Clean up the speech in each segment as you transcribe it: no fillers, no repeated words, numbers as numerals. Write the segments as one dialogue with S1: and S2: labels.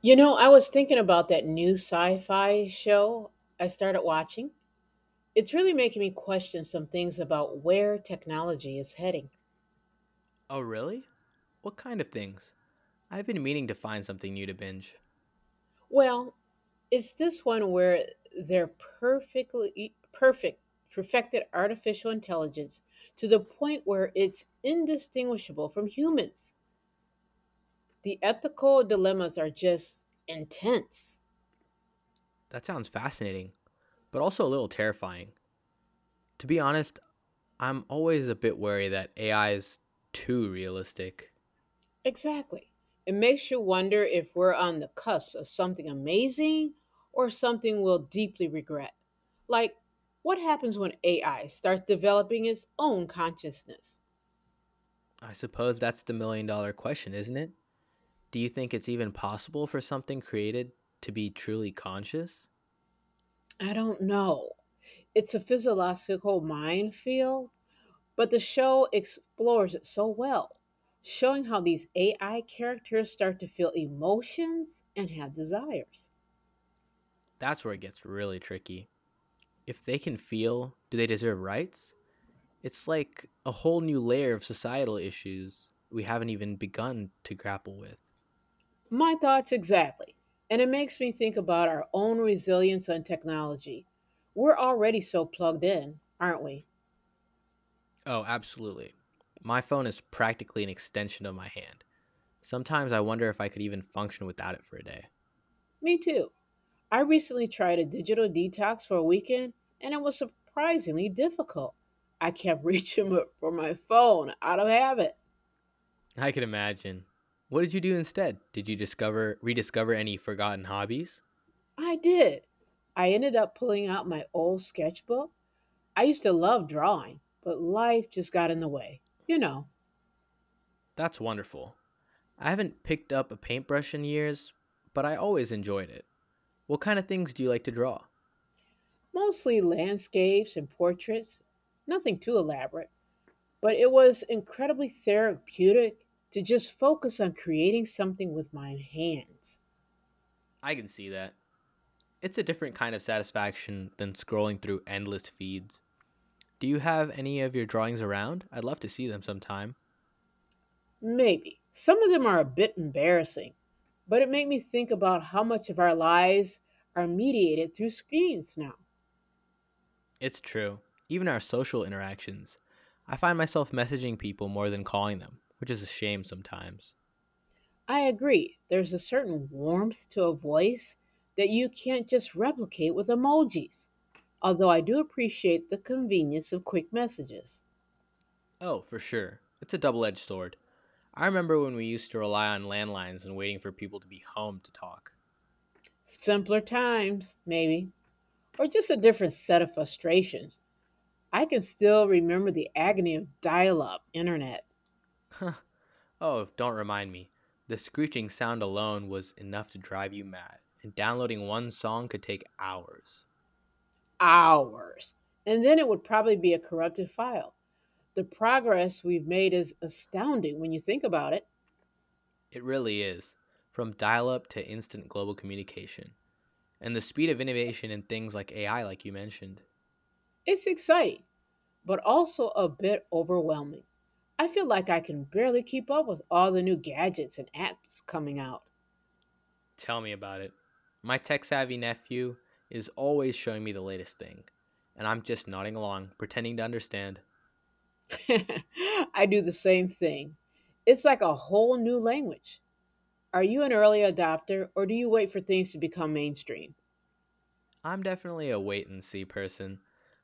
S1: You know, I was thinking about that new sci-fi show I started watching. It's really making me question some things about where technology is heading.
S2: Oh, really? What kind of things? I've been meaning to find something new to binge.
S1: Well, it's this one where they're perfectly perfect perfected artificial intelligence to the point where it's indistinguishable from humans. The ethical dilemmas are just intense.
S2: That sounds fascinating, but also a little terrifying. To be honest, I'm always a bit wary that AI is too realistic.
S1: Exactly. It makes you wonder if we're on the cusp of something amazing or something we'll deeply regret. Like, what happens when AI starts developing its own consciousness?
S2: I suppose that's the million dollar question, isn't it? Do you think it's even possible for something created to be truly conscious?
S1: I don't know. It's a physiological minefield, but the show explores it so well, showing how these AI characters start to feel emotions and have desires.
S2: That's where it gets really tricky. If they can feel, do they deserve rights? It's like a whole new layer of societal issues we haven't even begun to grapple with.
S1: My thoughts exactly. And it makes me think about our own resilience on technology. We're already so plugged in, aren't we?
S2: Oh, absolutely. My phone is practically an extension of my hand. Sometimes I wonder if I could even function without it for a day.
S1: Me too. I recently tried a digital detox for a weekend and it was surprisingly difficult. I kept reaching for my phone out of habit.
S2: I could imagine. What did you do instead? Did you discover rediscover any forgotten hobbies?
S1: I did. I ended up pulling out my old sketchbook. I used to love drawing, but life just got in the way. You know,
S2: That's wonderful. I haven't picked up a paintbrush in years, but I always enjoyed it. What kind of things do you like to draw?
S1: mostly landscapes and portraits, nothing too elaborate. But it was incredibly therapeutic to just focus on creating something with my hands.
S2: I can see that. It's a different kind of satisfaction than scrolling through endless feeds. Do you have any of your drawings around? I'd love to see them sometime.
S1: Maybe. Some of them are a bit embarrassing, but it made me think about how much of our lives are mediated through screens now.
S2: It's true. Even our social interactions. I find myself messaging people more than calling them, which is a shame sometimes.
S1: I agree, there's a certain warmth to a voice that you can't just replicate with emojis, although I do appreciate the convenience of quick messages.
S2: Oh, for sure. It's a double edged sword. I remember when we used to rely on landlines and waiting for people to be home to talk.
S1: Simpler times, maybe, or just a different set of frustrations. I can still remember the agony of dial up internet
S2: Oh, don't remind me. The screeching sound alone was enough to drive you mad, and downloading one song could take hours.
S1: hours. And then it would probably be a corrupted file. The progress we've made is astounding when you think about it.
S2: It really is. From dial up to instant global communication, and the speed of innovation in things like AI, like you mentioned.
S1: It's exciting, but also a bit overwhelming. I feel like I can barely keep up with all the new gadgets and apps coming out.
S2: Tell me about it. My tech savvy nephew is always showing me the latest thing, and I'm just nodding along, pretending to understand.
S1: I do the same thing. It's like a whole new language. Are you an early adopter or do you wait for things to become mainstream?
S2: I'm definitely a wait and see person.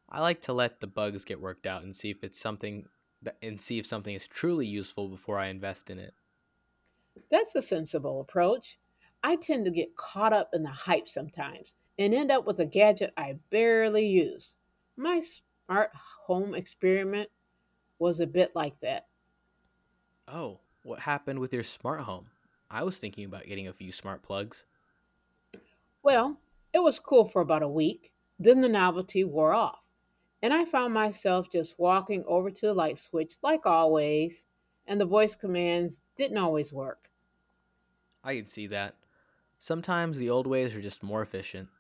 S2: I like to let the bugs get worked out and see if it's and see if something is truly useful before I invest in it.
S1: That's a sensible approach. I tend to get caught up in the hype sometimes and end up with a gadget I barely use. My smart home experiment was a bit like that.
S2: Oh, what happened with your smart home? I was thinking about getting a few smart plugs.
S1: Well, it was cool for about a week, then the novelty wore off, and I found myself just walking over to the light switch like always, and the voice commands didn't always work.
S2: I can see that. Sometimes the old ways are just more efficient.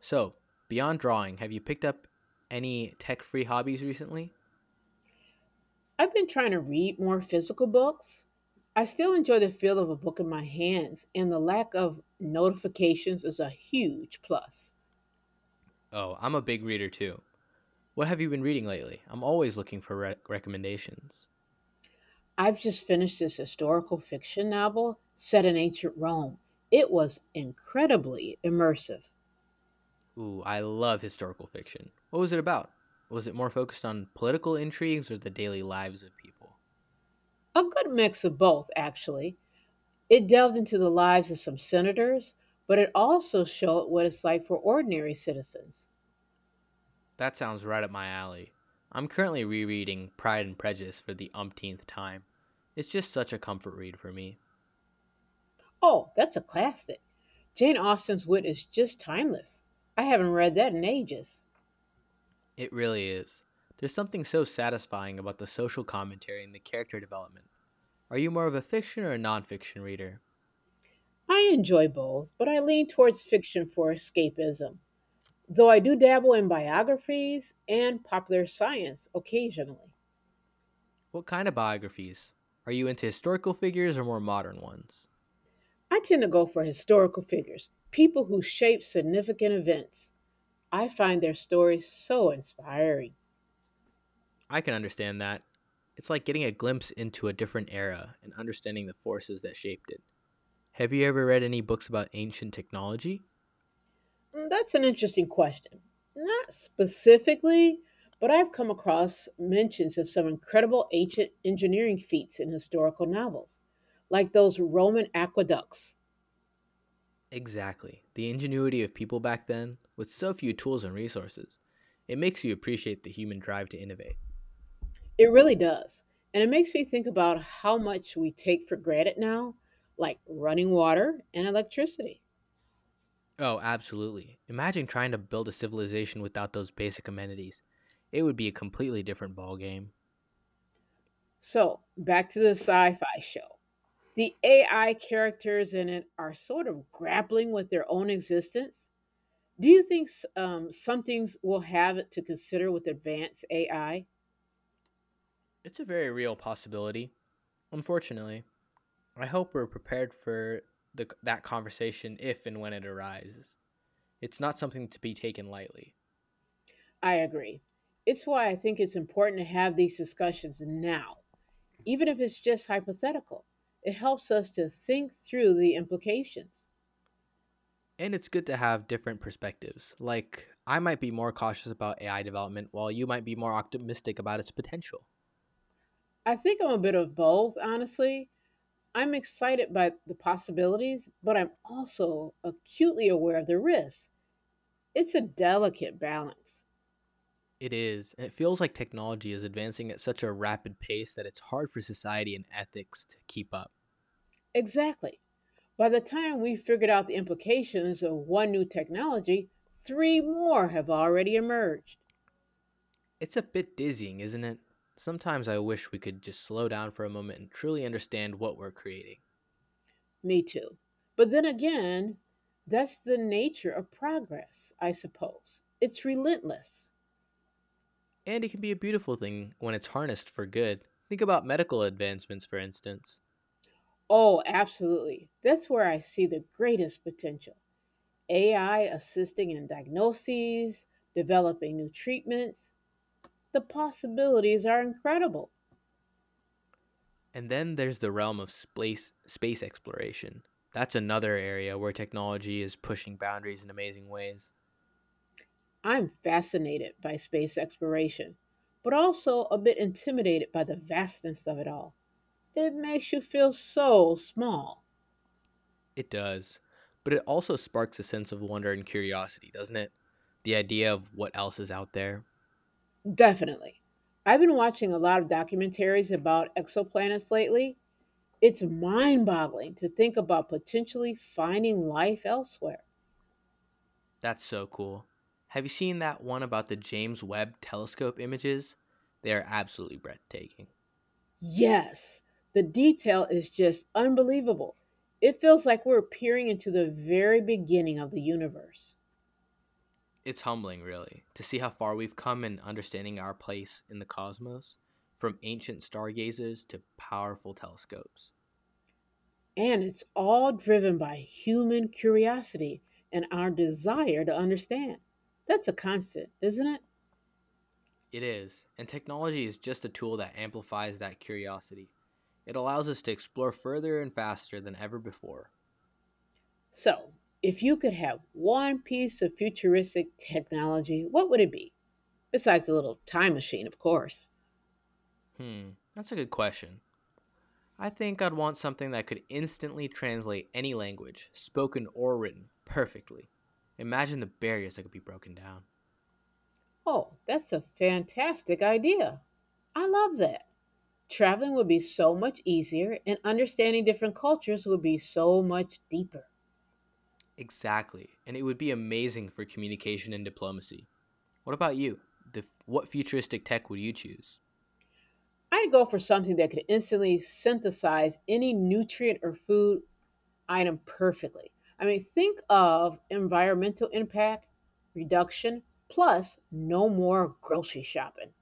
S2: So, beyond drawing, have you picked up any tech free hobbies recently?
S1: I've been trying to read more physical books. I still enjoy the feel of a book in my hands, and the lack of notifications is a huge plus.
S2: Oh, I'm a big reader too. What have you been reading lately? I'm always looking for recommendations.
S1: I've just finished this historical fiction novel set in ancient Rome. It was incredibly immersive.
S2: Ooh, I love historical fiction. What was it about? Was it more focused on political intrigues or the daily lives of people?
S1: A good mix of both, actually. It delved into the lives of some senators, but it also showed what it's like for ordinary citizens.
S2: That sounds right up my alley. I'm currently rereading Pride and Prejudice for the umpteenth time. It's just such a comfort read for me.
S1: Oh, that's a classic. Jane Austen's wit is just timeless. I haven't read that in ages.
S2: It really is. There's something so satisfying about the social commentary and the character development. Are you more of a fiction or a nonfiction reader?
S1: I enjoy both, but I lean towards fiction for escapism, though I do dabble in biographies and popular science occasionally.
S2: What kind of biographies? Are you into historical figures or more modern ones?
S1: I tend to go for historical figures, people who shape significant events. I find their stories so inspiring.
S2: I can understand that. It's like getting a glimpse into a different era and understanding the forces that shaped it. Have you ever read any books about ancient technology?
S1: Mm. That's an interesting question. Not specifically, but I've come across mentions of some incredible ancient engineering feats in historical novels, like those Roman aqueducts.
S2: Exactly. The ingenuity of people back then, with so few tools and resources. It makes you appreciate the human drive to innovate.
S1: It really does. And it makes me think about how much we take for granted now, like running water and electricity.
S2: Oh, absolutely. Imagine trying to build a civilization without those basic amenities. It would be a completely different ballgame.
S1: So, back to the sci fi show. The AI characters in it are sort of grappling with their own existence. Do you think some things will have to consider with advanced AI? I
S2: It's a very real possibility. Unfortunately, I hope we're prepared for that conversation if and when it arises. It's not something to be taken lightly.
S1: I agree. It's why I think it's important to have these discussions now, even if it's just hypothetical. It helps us to think through the implications.
S2: And it's good to have different perspectives. Like, I might be more cautious about AI development, while you might be more optimistic about its potential.
S1: I think I'm a bit of both, honestly. I'm excited by the possibilities, but I'm also acutely aware of the risks. It's a delicate balance.
S2: It is. And it feels like technology is advancing at such a rapid pace that it's hard for society and ethics to keep up.
S1: Exactly. By the time we figured out the implications of one new technology, three more have already emerged.
S2: It's a bit dizzying, isn't it? Sometimes I wish we could just slow down for a moment and truly understand what we're creating.
S1: Me too. But then again, that's the nature of progress, I suppose. It's relentless.
S2: And it can be a beautiful thing when it's harnessed for good. Think about medical advancements, for instance.
S1: Oh, absolutely. That's where I see the greatest potential. AI assisting in diagnoses, developing new treatments. The possibilities are incredible.
S2: And then there's the realm of space exploration. That's another area where technology is pushing boundaries in amazing ways.
S1: I'm fascinated by space exploration, but also a bit intimidated by the vastness of it all. It makes you feel so small.
S2: It does. But it also sparks a sense of wonder and curiosity, doesn't it? The idea of what else is out there.
S1: Definitely. I've been watching a lot of documentaries about exoplanets lately. It's mind boggling to think about potentially finding life elsewhere.
S2: That's so cool. Have you seen that one about the James Webb telescope images? They are absolutely breathtaking.
S1: Yes, the detail is just unbelievable. It feels like we're peering into the very beginning of the universe.
S2: It's humbling, really, to see how far we've come in understanding our place in the cosmos, from ancient stargazers to powerful telescopes.
S1: And it's all driven by human curiosity and our desire to understand. That's a constant, isn't it?
S2: It is, and technology is just a tool that amplifies that curiosity. It allows us to explore further and faster than ever before.
S1: So, if you could have one piece of futuristic technology, what would it be? Besides the little time machine, of course.
S2: Hmm, that's a good question. I think I'd want something that could instantly translate any language, spoken or written, perfectly. Imagine the barriers that could be broken down.
S1: Oh, that's a fantastic idea. I love that. Traveling would be so much easier, and understanding different cultures would be so much deeper.
S2: Exactly, and it would be amazing for communication and diplomacy. What about you? What futuristic tech would you choose?
S1: I'd go for something that could instantly synthesize any nutrient or food item perfectly. I mean, think of environmental impact reduction plus no more grocery shopping.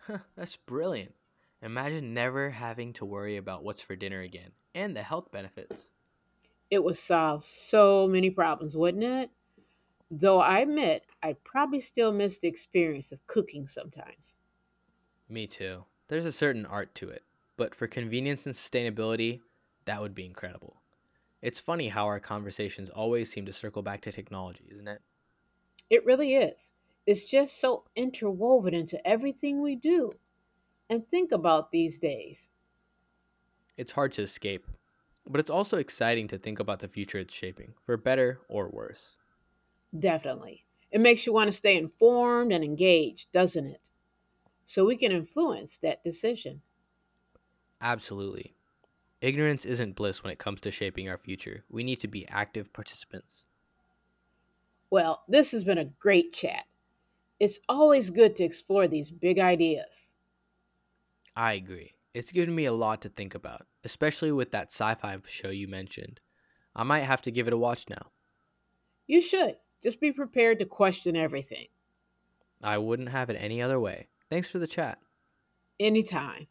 S2: Huh, that's brilliant. Imagine never having to worry about what's for dinner again and the health benefits.
S1: It would solve so many problems, wouldn't it? Though I admit, I probably still miss the experience of cooking sometimes.
S2: Me too. There's a certain art to it, but for convenience and sustainability, that would be incredible. It's funny how our conversations always seem to circle back to technology, isn't it?
S1: It really is. It's just so interwoven into everything we do and think about these days.
S2: It's hard to escape, but it's also exciting to think about the future it's shaping, for better or worse.
S1: Definitely. It makes you want to stay informed and engaged, doesn't it? So we can influence that decision.
S2: Absolutely. Ignorance isn't bliss when it comes to shaping our future. We need to be active participants.
S1: Well, this has been a great chat. It's always good to explore these big ideas.
S2: I agree. It's given me a lot to think about, especially with that sci fi show you mentioned. I might have to give it a watch now.
S1: You should. Just be prepared to question everything,
S2: I wouldn't have it any other way. Thanks for the chat.
S1: anytime.